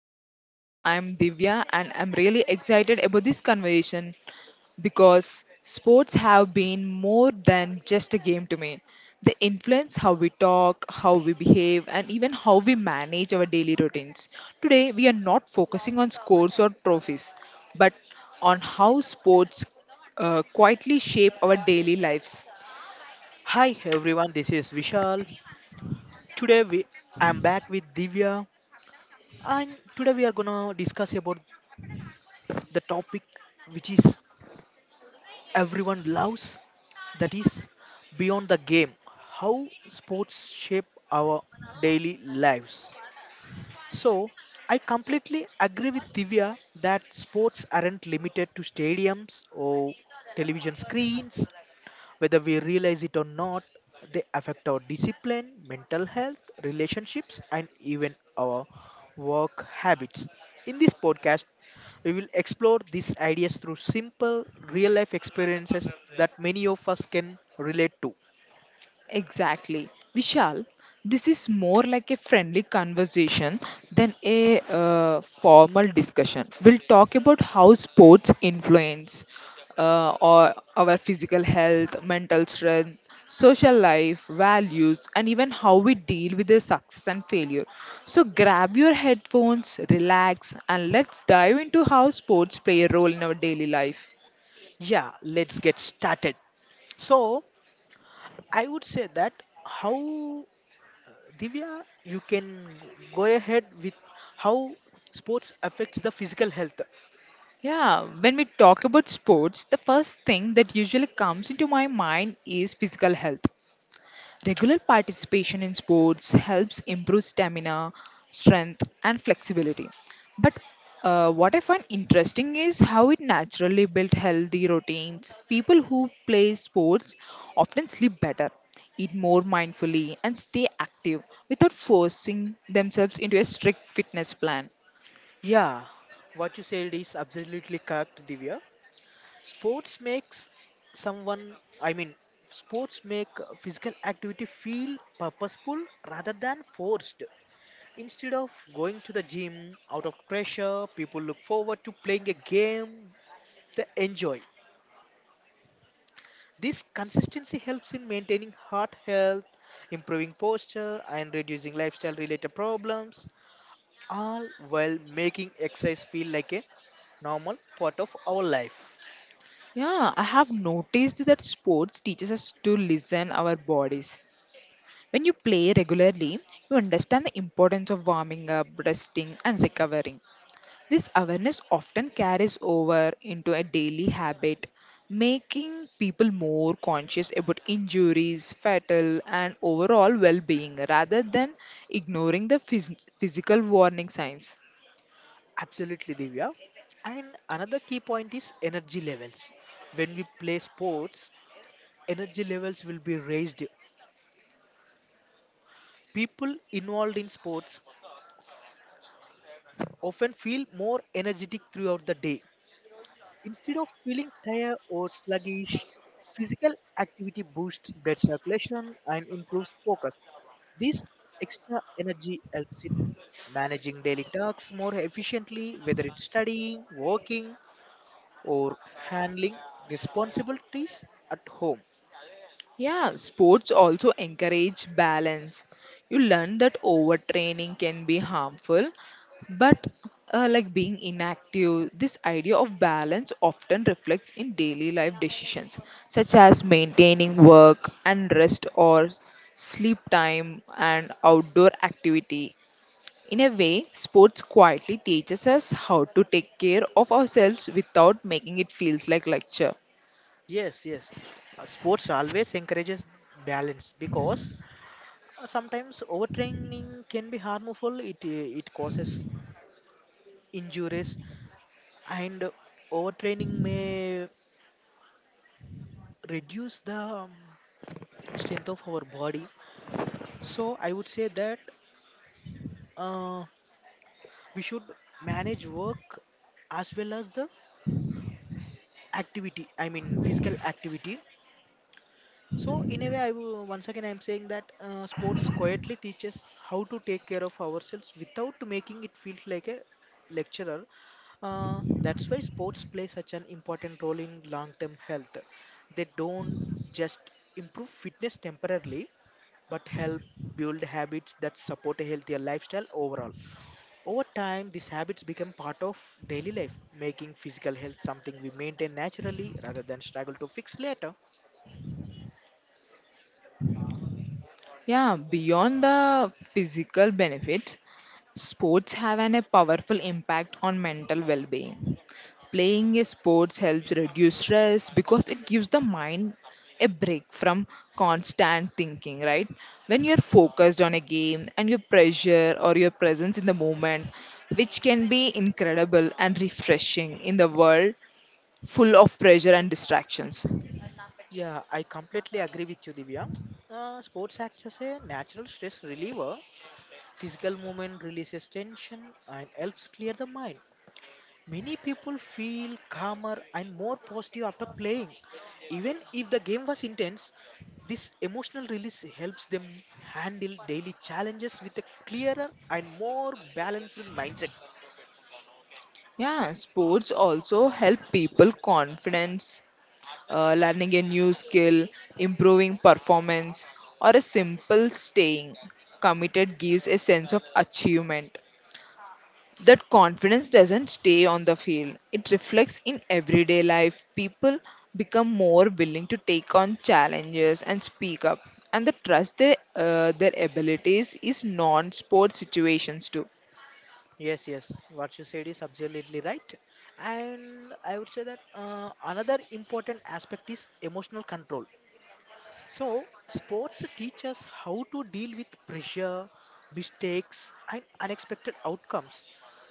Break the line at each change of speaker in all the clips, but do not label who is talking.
today's podcast. I'm Divya, and I'm really excited about this conversation because sports have been more than just a game to me. They influence how we talk, how we behave, and even how we manage our daily routines. Today, we are not focusing on scores or trophies, but on how sports quietly shape our daily lives.
Hi everyone, this is Vishal. Today we I'm back with Divya and today we are gonna discuss about the topic which is everyone loves, that is beyond the game, how sports shape our daily lives. So I completely agree with Divya that sports aren't limited to stadiums or television screens. Whether we realize it or not, they affect our discipline, mental health, relationships, and even our work habits. In this podcast, we will explore these ideas through simple, real life experiences that many of us can relate to.
Exactly. Vishal, this is more like a friendly conversation than a formal discussion. We'll talk about how sports influence or our physical health, mental strength, social life, values, and even how we deal with the success and failure. So grab your headphones, relax, and let's dive into how sports play a role in our daily life.
Yeah, let's get started. So, I would say that how, Divya, you can go ahead with how sports affects the physical health.
Yeah, when we talk about sports, the first thing that usually comes into my mind is physical health. Regular participation in sports helps improve stamina, strength, and flexibility. But what I find interesting is how it naturally builds healthy routines. People who play sports often sleep better, eat more mindfully, and stay active without forcing themselves into a strict fitness plan.
Yeah, what you said is absolutely correct, Divya. Sports makes someone, I mean, sports make physical activity feel purposeful rather than forced. Instead of going to the gym out of pressure, people look forward to playing a game they enjoy. This consistency helps in maintaining heart health, improving posture, and reducing lifestyle related problems, all while making exercise feel like a normal part of our life.
Yeah, I have noticed that sports teaches us to listen our bodies. When you play regularly, you understand the importance of warming up, resting and recovering. This awareness often carries over into a daily habit, making people more conscious about injuries, fatal and overall well-being rather than ignoring the physical warning signs.
Absolutely, Divya. And another key point is energy levels. When we play sports, energy levels will be raised. People involved in sports often feel more energetic throughout the day. Instead of feeling tired or sluggish, physical activity boosts blood circulation and improves focus. This extra energy helps in managing daily tasks more efficiently, whether it's studying, working, or handling responsibilities at home.
Yeah, sports also encourage balance. You learn that overtraining can be harmful, but like being inactive, this idea of balance often reflects in daily life decisions, such as maintaining work and rest or sleep time and outdoor activity. In a way, sports quietly teaches us how to take care of ourselves without making it feels like lecture.
Yes, yes. Sports always encourages balance because sometimes overtraining can be harmful. It causes injuries, and overtraining may reduce the um, strength of our body. So I would say that uh, we should manage work as well as the activity I mean physical activity. So in a way, once again I'm saying that sports quietly teaches how to take care of ourselves without making it feel like a lecturer. That's why sports play such an important role in long-term health. They don't just improve fitness temporarily, but help build habits that support a healthier lifestyle overall. Over time, these habits become part of daily life, making physical health something we maintain naturally rather than struggle to fix later.
Yeah, beyond the physical benefits, sports have a powerful impact on mental well being. Playing a sports helps reduce stress because it gives the mind a break from constant thinking, right? When you're focused on a game and your pressure or your presence in the moment, which can be incredible and refreshing in the world full of pressure and distractions.
Yeah, I completely agree with you, Divya. Sports acts as a natural stress reliever. Physical movement releases tension and helps clear the mind. Many people feel calmer and more positive after playing. Even if the game was intense, this emotional release helps them handle daily challenges with a clearer and more balanced mindset.
Yeah, sports also help people confidence learning a new skill, improving performance, or a simple staying committed gives a sense of achievement. That confidence doesn't stay on the field, it reflects in everyday life. People become more willing to take on challenges and speak up, and the trust their their abilities is non sport situations too.
Yes, yes, what you said is absolutely right. And I would say that another important aspect is emotional control. So, sports teach us how to deal with pressure, mistakes, and unexpected outcomes.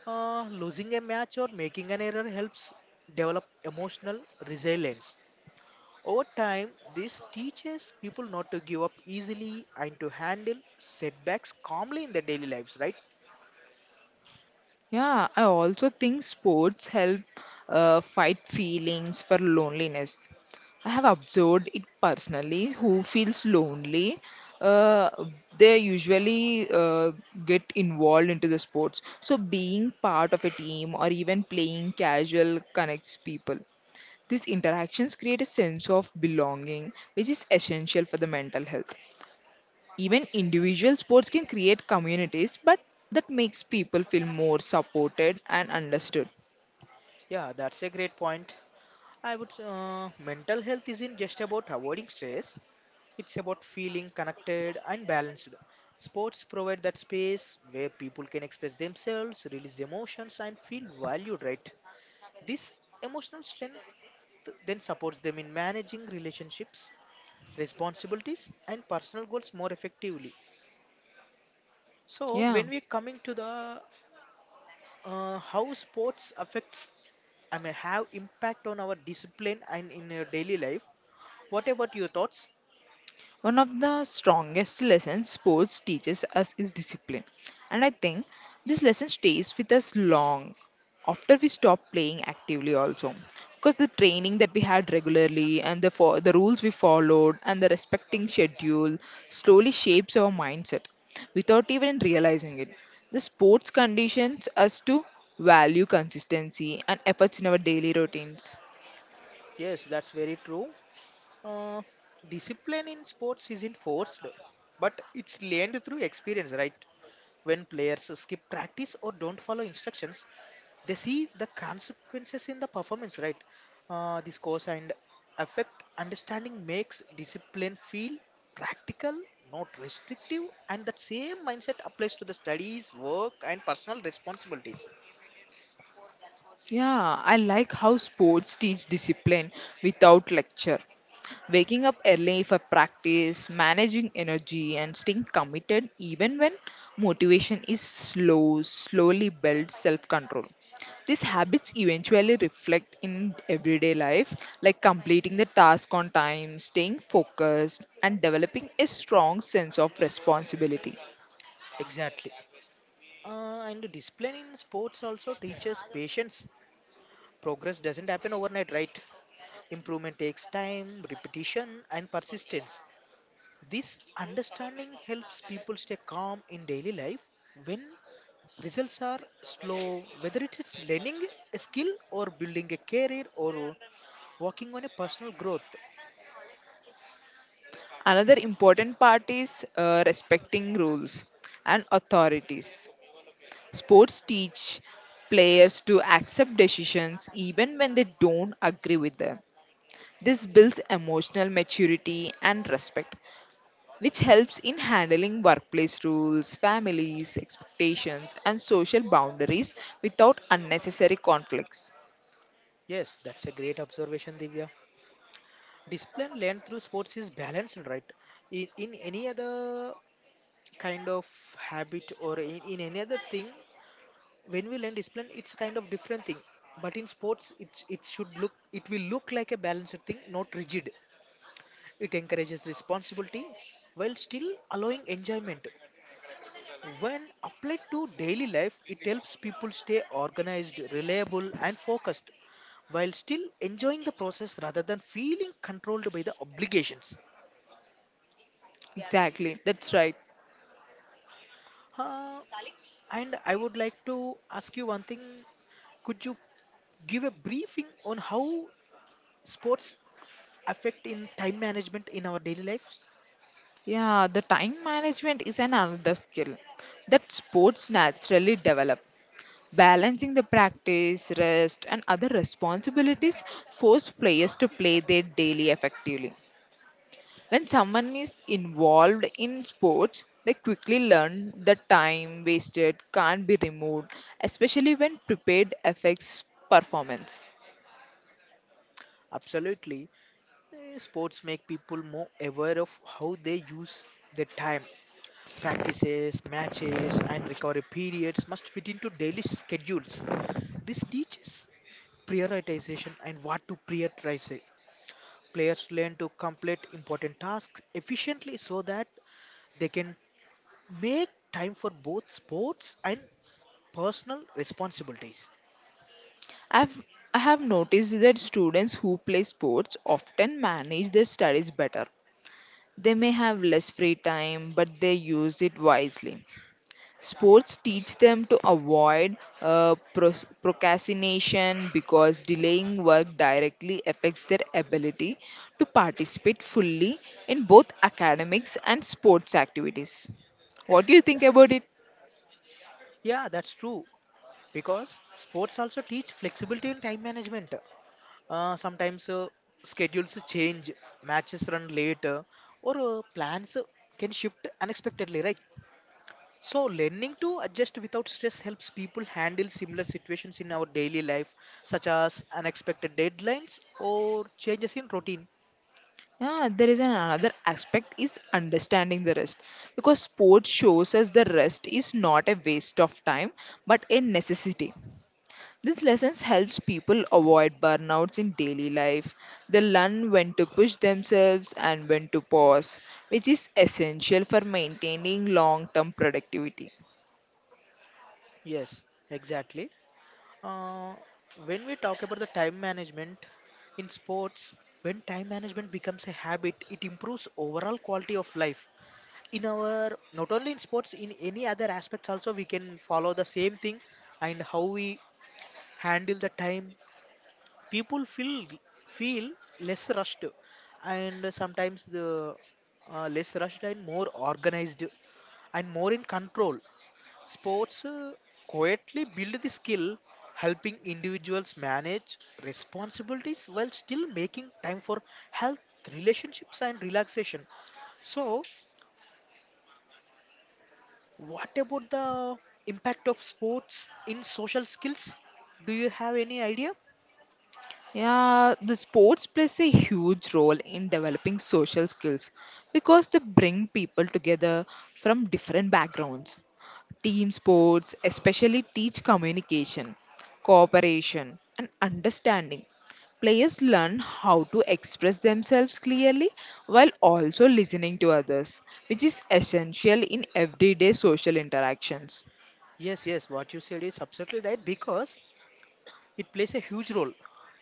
Losing a match or making an error helps develop emotional resilience. Over time, this teaches people not to give up easily and to handle setbacks calmly in their daily lives, right?
Yeah, I also think sports help fight feelings for loneliness. I have observed it personally. Who feels lonely, uh, they usually get involved into the sports. So being part of a team or even playing casual connects people. These interactions create a sense of belonging, which is essential for the mental health. Even individual sports can create communities, but that makes people feel more supported and understood.
Yeah, that's a great point. I would. Mental health isn't just about avoiding stress; it's about feeling connected and balanced. Sports provide that space where people can express themselves, release emotions, and feel valued, right? This emotional strength then supports them in managing relationships, responsibilities, and personal goals more effectively. So
Yeah.
when we're coming to the how sports affects, I mean, have impact on our discipline and in your daily life. What about your thoughts?
One of the strongest lessons sports teaches us is discipline. And I think this lesson stays with us long after we stop playing actively also because the training that we had regularly and the for the rules we followed and the respecting schedule slowly shapes our mindset without even realizing it the sports conditions us to value consistency and efforts in our daily routines.
Yes, that's very true. Uh, discipline in sports isn't forced, but it's learned through experience, right? When players skip practice or don't follow instructions, they see the consequences in the performance, right? This cause and effect understanding makes discipline feel practical, not restrictive, and that same mindset applies to the studies, work, and personal responsibilities.
Yeah, I like how sports teach discipline without lecture. Waking up early for practice, managing energy, and staying committed even when motivation is slow, slowly builds self control. These habits eventually reflect in everyday life, like completing the task on time, staying focused, and developing a strong sense of responsibility.
Exactly. And discipline in sports also teaches patience. Progress doesn't happen overnight, right? Improvement takes time, repetition, and persistence. This understanding helps people stay calm in daily life when results are slow, whether it is learning a skill, or building a career, or working on a personal growth.
Another important part is respecting rules and authorities. Sports teach players to accept decisions even when they don't agree with them. This builds emotional maturity and respect, which helps in handling workplace rules, families, expectations, and social boundaries without unnecessary conflicts.
Yes, that's a great observation, Divya. Discipline learned through sports is balanced, right? In any other kind of habit, or in any other thing, when we learn discipline it's kind of different thing, but in sports it should look, it will look like a balanced thing, not rigid. It encourages responsibility while still allowing enjoyment. When applied to daily life it helps people stay organized, reliable, and focused, while still enjoying the process rather than feeling controlled by the obligations.
Exactly, that's right.
Uh, and I would like to ask you one thing. Could you give a briefing on how sports affect in time management in our daily lives?
Yeah, the time management is an another skill that sports naturally develop. Balancing the practice, rest, and other responsibilities force players to play their daily effectively. When someone is involved in sports, they quickly learn that time wasted can't be removed, especially when prepared affects performance.
Absolutely. Sports make people more aware of how they use their time. Practices, matches, and recovery periods must fit into daily schedules. This teaches prioritization, and what to prioritize. Players learn to complete important tasks efficiently so that they can make time for both sports and personal responsibilities.
I've, I have noticed that students who play sports often manage their studies better. They may have less free time, but they use it wisely. Sports teach them to avoid procrastination because delaying work directly affects their ability to participate fully in both academics and sports activities. What do you think about it?
Yeah, that's true, because sports also teach flexibility and time management. Sometimes schedules change, matches run later, or plans can shift unexpectedly, right? So, learning to adjust without stress helps people handle similar situations in our daily life, such as unexpected deadlines or changes in routine.
Yeah, there is another aspect is understanding the rest because sports shows us the rest is not a waste of time but a necessity. These lessons helps people avoid burnouts in daily life. They learn when to push themselves and when to pause, which is essential for maintaining long-term productivity.
Yes, exactly. Uh, when we talk about the time management in sports, when time management becomes a habit, it improves overall quality of life. In our not only in sports, in any other aspects also, we can follow the same thing and how we handle the time. People feel less rushed, and sometimes the less rushed and more organized and more in control. Sports quietly build the skill, helping individuals manage responsibilities while still making time for health, relationships, and relaxation. So, what about the impact of sports in social skills? Do you have any idea?
Yeah, the sports plays a huge role in developing social skills because they bring people together from different backgrounds. Team sports especially teach communication, cooperation, and understanding. Players learn how to express themselves clearly while also listening to others, which is essential in everyday social interactions.
Yes, yes, what you said is absolutely right, because it plays a huge role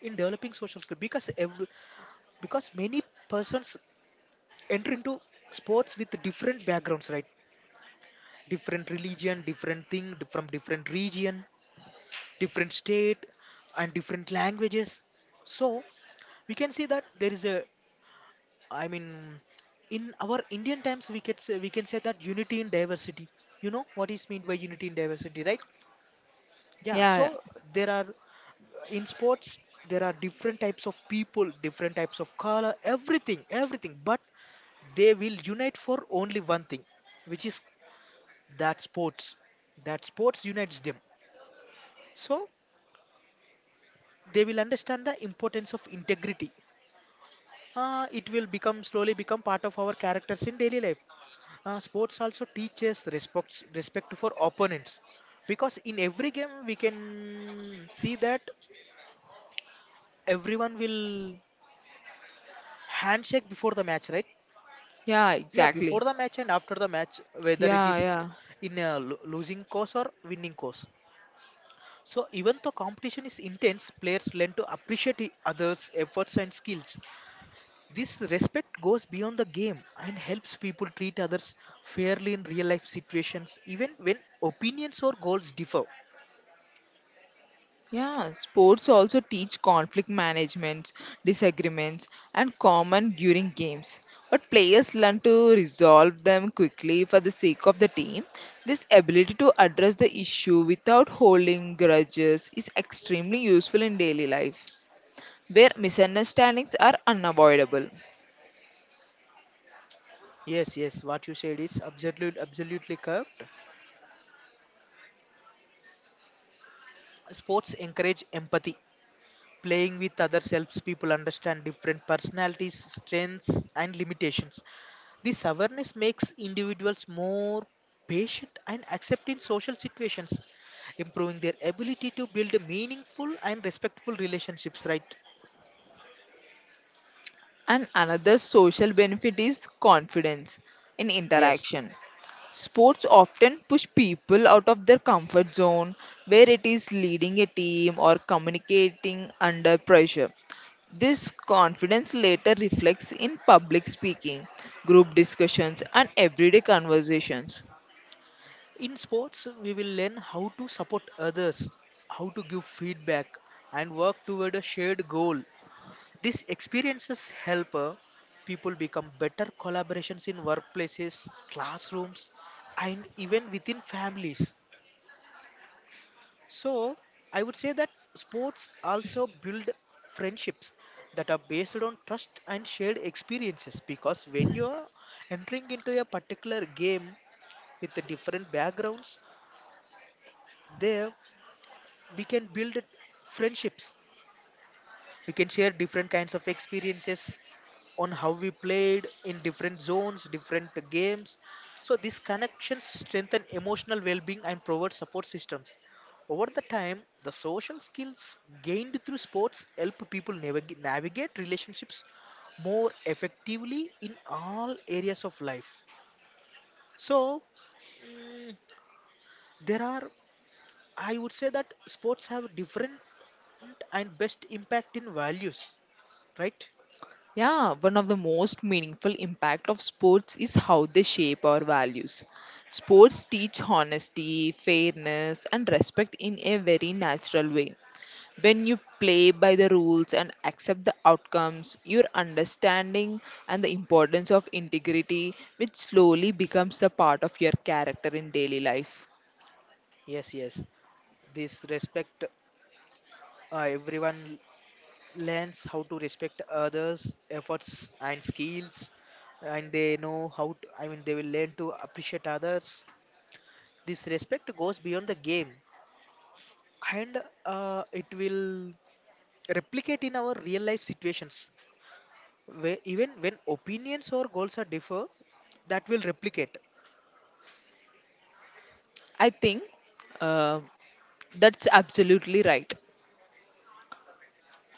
in developing social skills because because many persons enter into sports with different backgrounds, right? Different religion, from different region, different state, and different languages. So we can see that there is a, I mean, in our Indian times, we can say that unity in diversity. You know what is meant by unity in diversity, right? Yeah.
Yeah,
So there are, in sports there are different types of people, different types of color, everything, everything. But they will unite for only one thing, which is that sports. That sports unites them. So they will understand the importance of integrity. It will become, slowly become part of our characters in daily life. Sports also teaches respect, respect for opponents, because in every game we can see that everyone will handshake before the match, right?
yeah,
Yeah,
exactly.
before the match and after the match, whether it
Yeah,
is
yeah.
in a losing course or winning course. So even though competition is intense, players learn to appreciate others efforts and skills. This respect goes beyond the game and helps people treat others fairly in real life situations, even when opinions or goals differ.
Yeah, sports also teach conflict management, disagreements, and common during games. But players learn to resolve them quickly for the sake of the team. This ability to address the issue without holding grudges is extremely useful in daily life, where misunderstandings are unavoidable.
Yes, yes, what you said is absolutely correct. Sports encourage empathy. Playing with others helps people understand different personalities, strengths, and limitations. This awareness makes individuals more patient and accepting social situations, improving their ability to build meaningful and respectful relationships, right?
And another social benefit is confidence in
Yes.
interaction. Sports often push people out of their comfort zone, where it is leading a team or communicating under pressure. This confidence later reflects in public speaking, group discussions, and everyday conversations.
In sports, we will learn how to support others, how to give feedback, and work toward a shared goal. These experiences help people become better collaborations in workplaces, classrooms, and even within families. So, I would say that sports also build friendships that are based on trust and shared experiences, because when you are entering into a particular game with the different backgrounds, they we can build friendships, we can share different kinds of experiences on how we played in different zones, different games. So these connections strengthen emotional well-being and provide support systems. Over the time, the social skills gained through sports help people navigate relationships more effectively in all areas of life. So, mm, there are, I would say that sports have different and best impact in values, right?
Yeah, one of the most meaningful impact of sports is how they shape our values. Sports teach honesty, fairness, and respect in a very natural way. When you play by the rules and accept the outcomes, your understanding and the importance of integrity, which slowly becomes the part of your character in daily life.
Yes, yes, this respect, everyone learns how to respect others efforts and skills, and they know how to, I mean, they will learn to appreciate others. This respect goes beyond the game, and it will replicate in our real life situations, where even when opinions or goals are differ, that will replicate.
I think uh, that's absolutely right.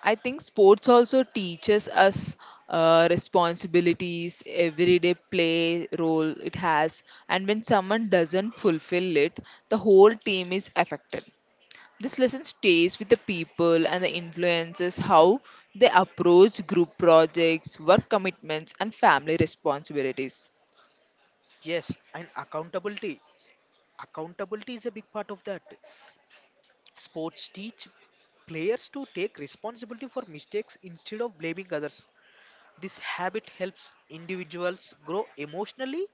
I think sports also teaches us responsibilities, everyday play role it has, and when someone doesn't fulfill it, the whole team is affected. This lesson stays with the people and the influences how they approach group projects, work commitments, and family responsibilities.
Yes, and accountability, accountability is a big part of that. Sports teach players to take responsibility for mistakes instead of blaming others. This habit helps individuals grow emotionally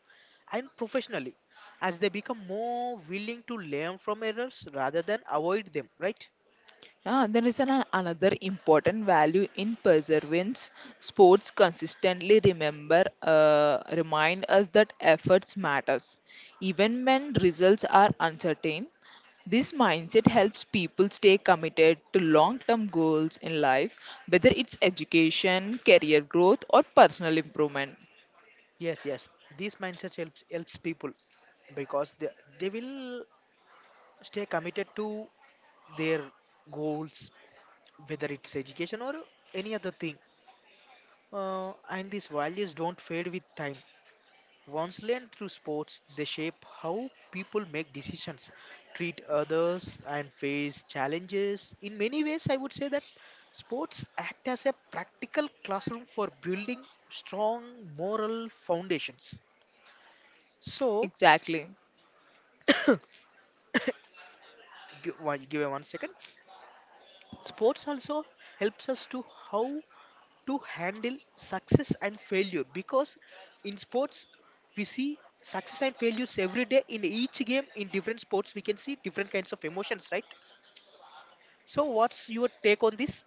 and professionally as they become more willing to learn from errors rather than avoid them, right?
Ah, there is an, another important value in perseverance. Sports consistently remember remind us that efforts matters, even when results are uncertain. This mindset helps people stay committed to long term goals in life, whether it's education, career growth, or personal improvement.
Yes, yes. This mindset helps people because they will stay committed to their goals, whether it's education or any other thing. And these values don't fade with time. Once learned through sports, they shape how people make decisions, treat others, and face challenges. In many ways, I would say that sports act as a practical classroom for building strong moral foundations. So,
Exactly.
gi- give me one second. Sports also helps us to how to handle success and failure because in sports we see success and failures every day in each game in different sports we can see different kinds of emotions, right? So what's your take on this?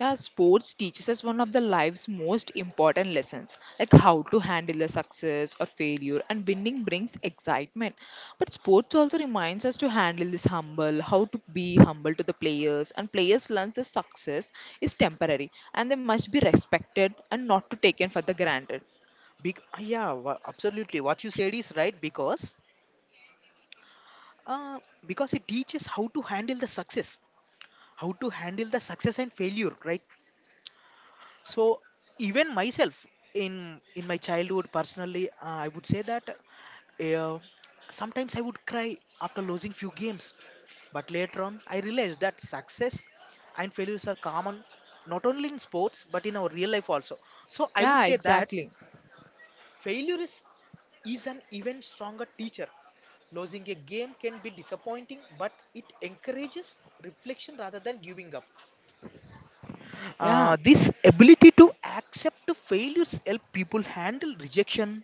Yeah, sports teaches us one of the life's most important lessons, like how to handle the success or failure, and winning brings excitement. But sports also reminds us to handle this humble, how to be humble to the players, and players learn the success is temporary and they must be respected and not to taken for the granted.
Absolutely. What you said is right, uh, because it teaches how to handle the success, how to handle the success and failure, right? So even myself, in my childhood personally, I would say that uh, sometimes I would cry after losing few games, but later on I realized that success and failures are common not only in sports but in our real life also. So I would
Yeah,
say that
exactly.
failure is an even stronger teacher. Losing a game can be disappointing, but it encourages reflection rather than giving up.
Yeah,
This ability to accept failures help people handle rejection,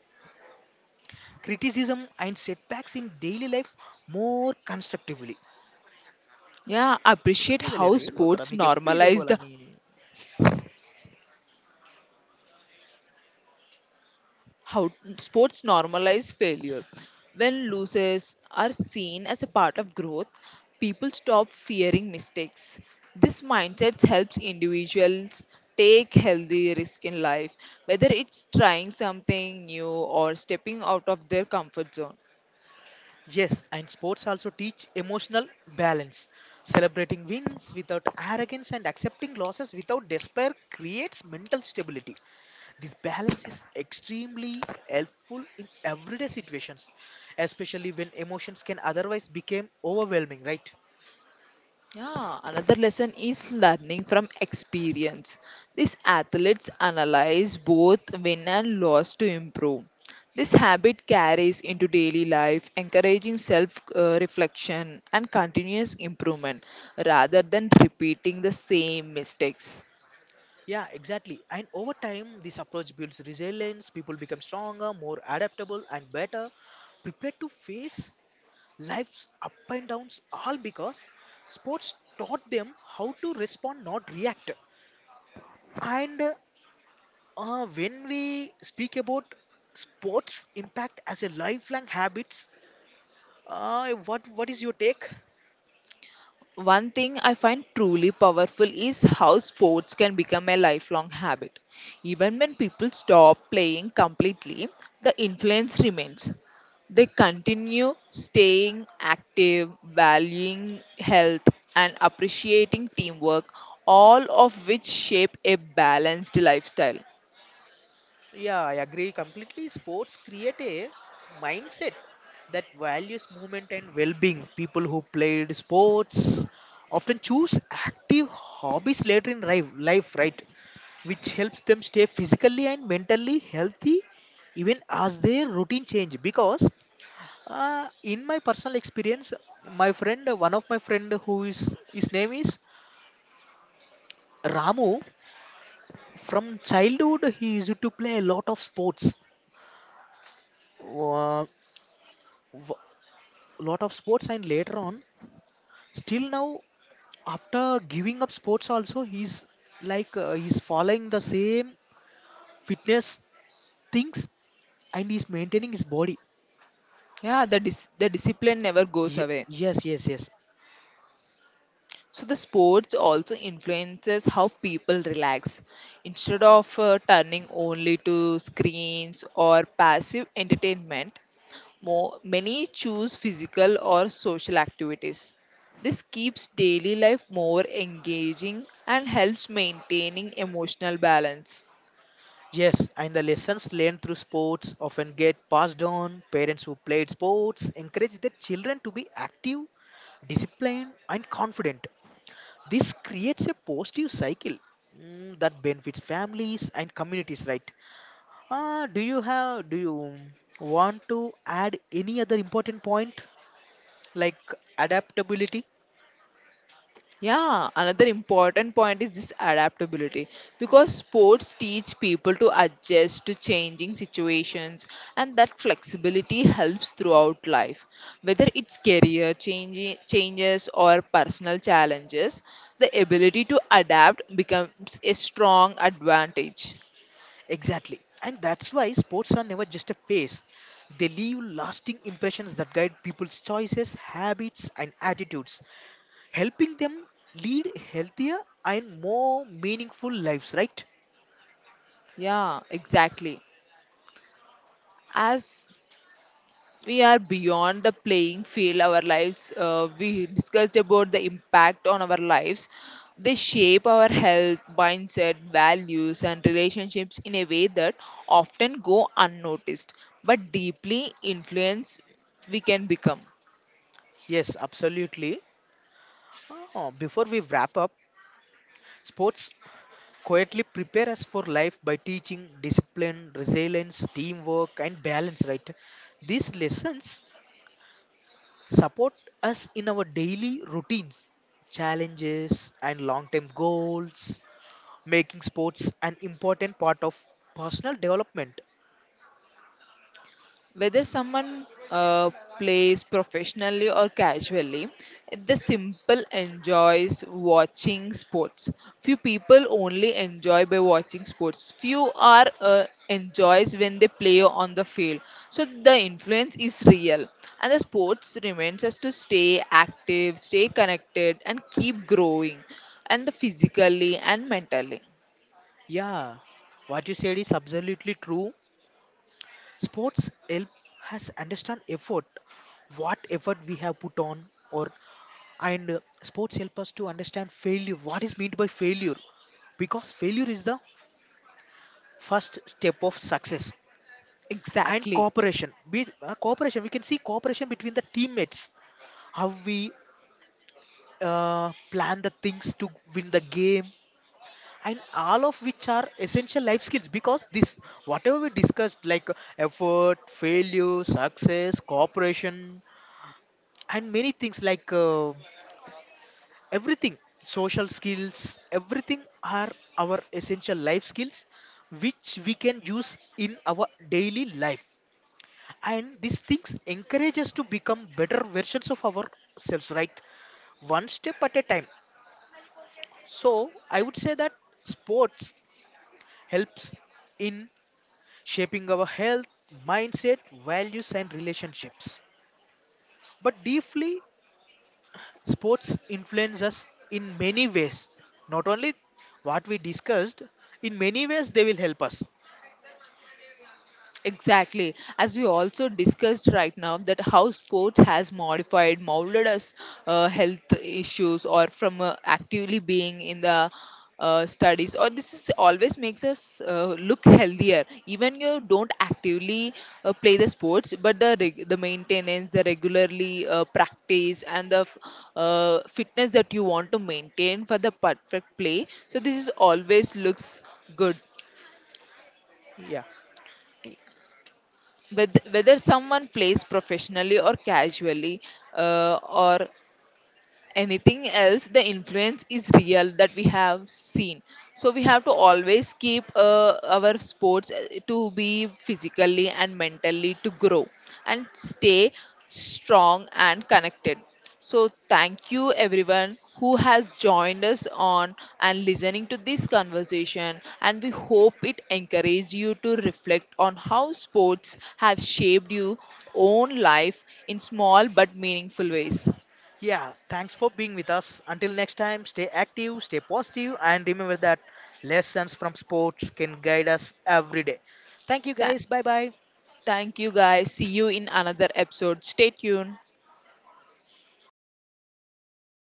criticism, and setbacks in daily life more constructively.
yeah, I appreciate
ఎక్కడదిలే
how
రే, ఏడు ఒకరా,
sports
మీకు ఎప్పుడు ఇదే
normalize
గోలా
the
నీ?
how sports normalize failure. When losses are seen as a part of growth, people stop fearing mistakes. This mindset helps individuals take healthy risk in life, whether it's trying something new or stepping out of their comfort zone.
Yes, and sports also teach emotional balance. Celebrating wins without arrogance and accepting losses without despair creates mental stability. This balance is extremely helpful in everyday situations, especially when emotions can otherwise become overwhelming, right?
Yeah, another lesson is learning from experience. These athletes analyze both win and loss to improve. This habit carries into daily life, encouraging self reflection and continuous improvement rather than repeating the same mistakes.
Yeah, exactly. And over time, this approach builds resilience. People become stronger, more adaptable, and better prepared to face life's up and downs, all because sports taught them how to respond, not react. And when we speak about sports impact as a lifelong habits, what is your take?
One thing I find truly powerful is how sports can become a lifelong habit. Even when people stop playing completely, the influence remains. They continue staying active, valuing health, and appreciating teamwork, all of which shape a balanced lifestyle.
Yeah, I agree completely. Sports create a mindset that values movement and well-being. People who played sports often choose active hobbies later in life, right? Which helps them stay physically and mentally healthy even as their routine change. Because in my personal experience, my friend, one of my friend who is his name is Ramu. From childhood, he used to play a lot of sports. Uh, Lot of sports, and later on, still now, after giving up sports also, he's like he's following the same fitness things, and he's maintaining his body.
Yeah, the discipline never goes
Ye-
away.
yes yes yes
So the sports also influences how people relax. Instead of turning only to screens or passive entertainment, many choose physical or social activities. This keeps daily life more engaging and helps maintaining emotional balance.
Yes, and the lessons learned through sports often get passed on. Parents who played sports encourage their children to be active, disciplined, and confident. This creates a positive cycle, that benefits families and communities, right? Do you want to add any other important point, like adaptability?
Yeah, another important point is this adaptability because sports teach people to adjust to changing situations, and that flexibility helps throughout life. Whether it's career changes or personal challenges, the ability to adapt becomes a strong advantage.
Exactly. And that's why sports are never just a phase. They leave lasting impressions that guide people's choices, habits, and attitudes, helping them lead healthier and more meaningful lives, right?
Yeah, exactly. As we are beyond the playing field our lives we discussed about the impact on our lives, they shape our health mindset values and relationships in a way that often go unnoticed but deeply influence we can become.
Yes, absolutely. Uh, before we wrap up, sports quietly prepare us for life by teaching discipline, resilience, teamwork, and balance, right? These lessons support us in our daily routines, challenges, and long term goals, making sports an important part of personal development.
Whether someone plays professionally or casually, the simple enjoys watching sports, few people only enjoy by watching sports, few are enjoys when they play on the field, so the influence is real, and the sports reminds us to stay active, stay connected and keep growing, and the physically and mentally.
Yeah, what you said is absolutely true. Sports help us understand effort, what effort we have put on, or and sports help us to understand failure. What is meant by failure? Because failure is the first step of success. And
Exactly.
cooperation, cooperation. We can see cooperation between the teammates, how we plan the things to win the game, and all of which are essential life skills. Because this, whatever we discussed, like effort, failure, success, cooperation, and many things, like everything, social skills, everything are our essential life skills, which we can use in our daily life, and these things encourage us to become better versions of ourselves, right? One step at a time. So I would say that sports helps in shaping our health, mindset, values, and relationships, but deeply sports influence us in many ways, not only what we discussed. In many ways they will help us.
Exactly. As we also discussed right now, that how sports has modified, molded us health issues or from actively being in the studies, or this is always makes us look healthier. Even you don't actively play the sports, but the maintenance, the regularly practice, and the fitness that you want to maintain for the perfect play. So this is always looks good.
Yeah.
Whether someone plays professionally or casually or anything else, the influence is real that we have seen, so we have to always keep our sports to be physically and mentally to grow and stay strong and connected. So thank you everyone who has joined us on and listening to this conversation, and we hope it encourage you to reflect on how sports have shaped your own life in small but meaningful ways.
Yeah, thanks for being with us. Until next time, stay active, stay positive, and remember that lessons from sports can guide us every day. Thank you
Tha-
guys, bye bye.
Thank you guys. See you in another episode. Stay tuned.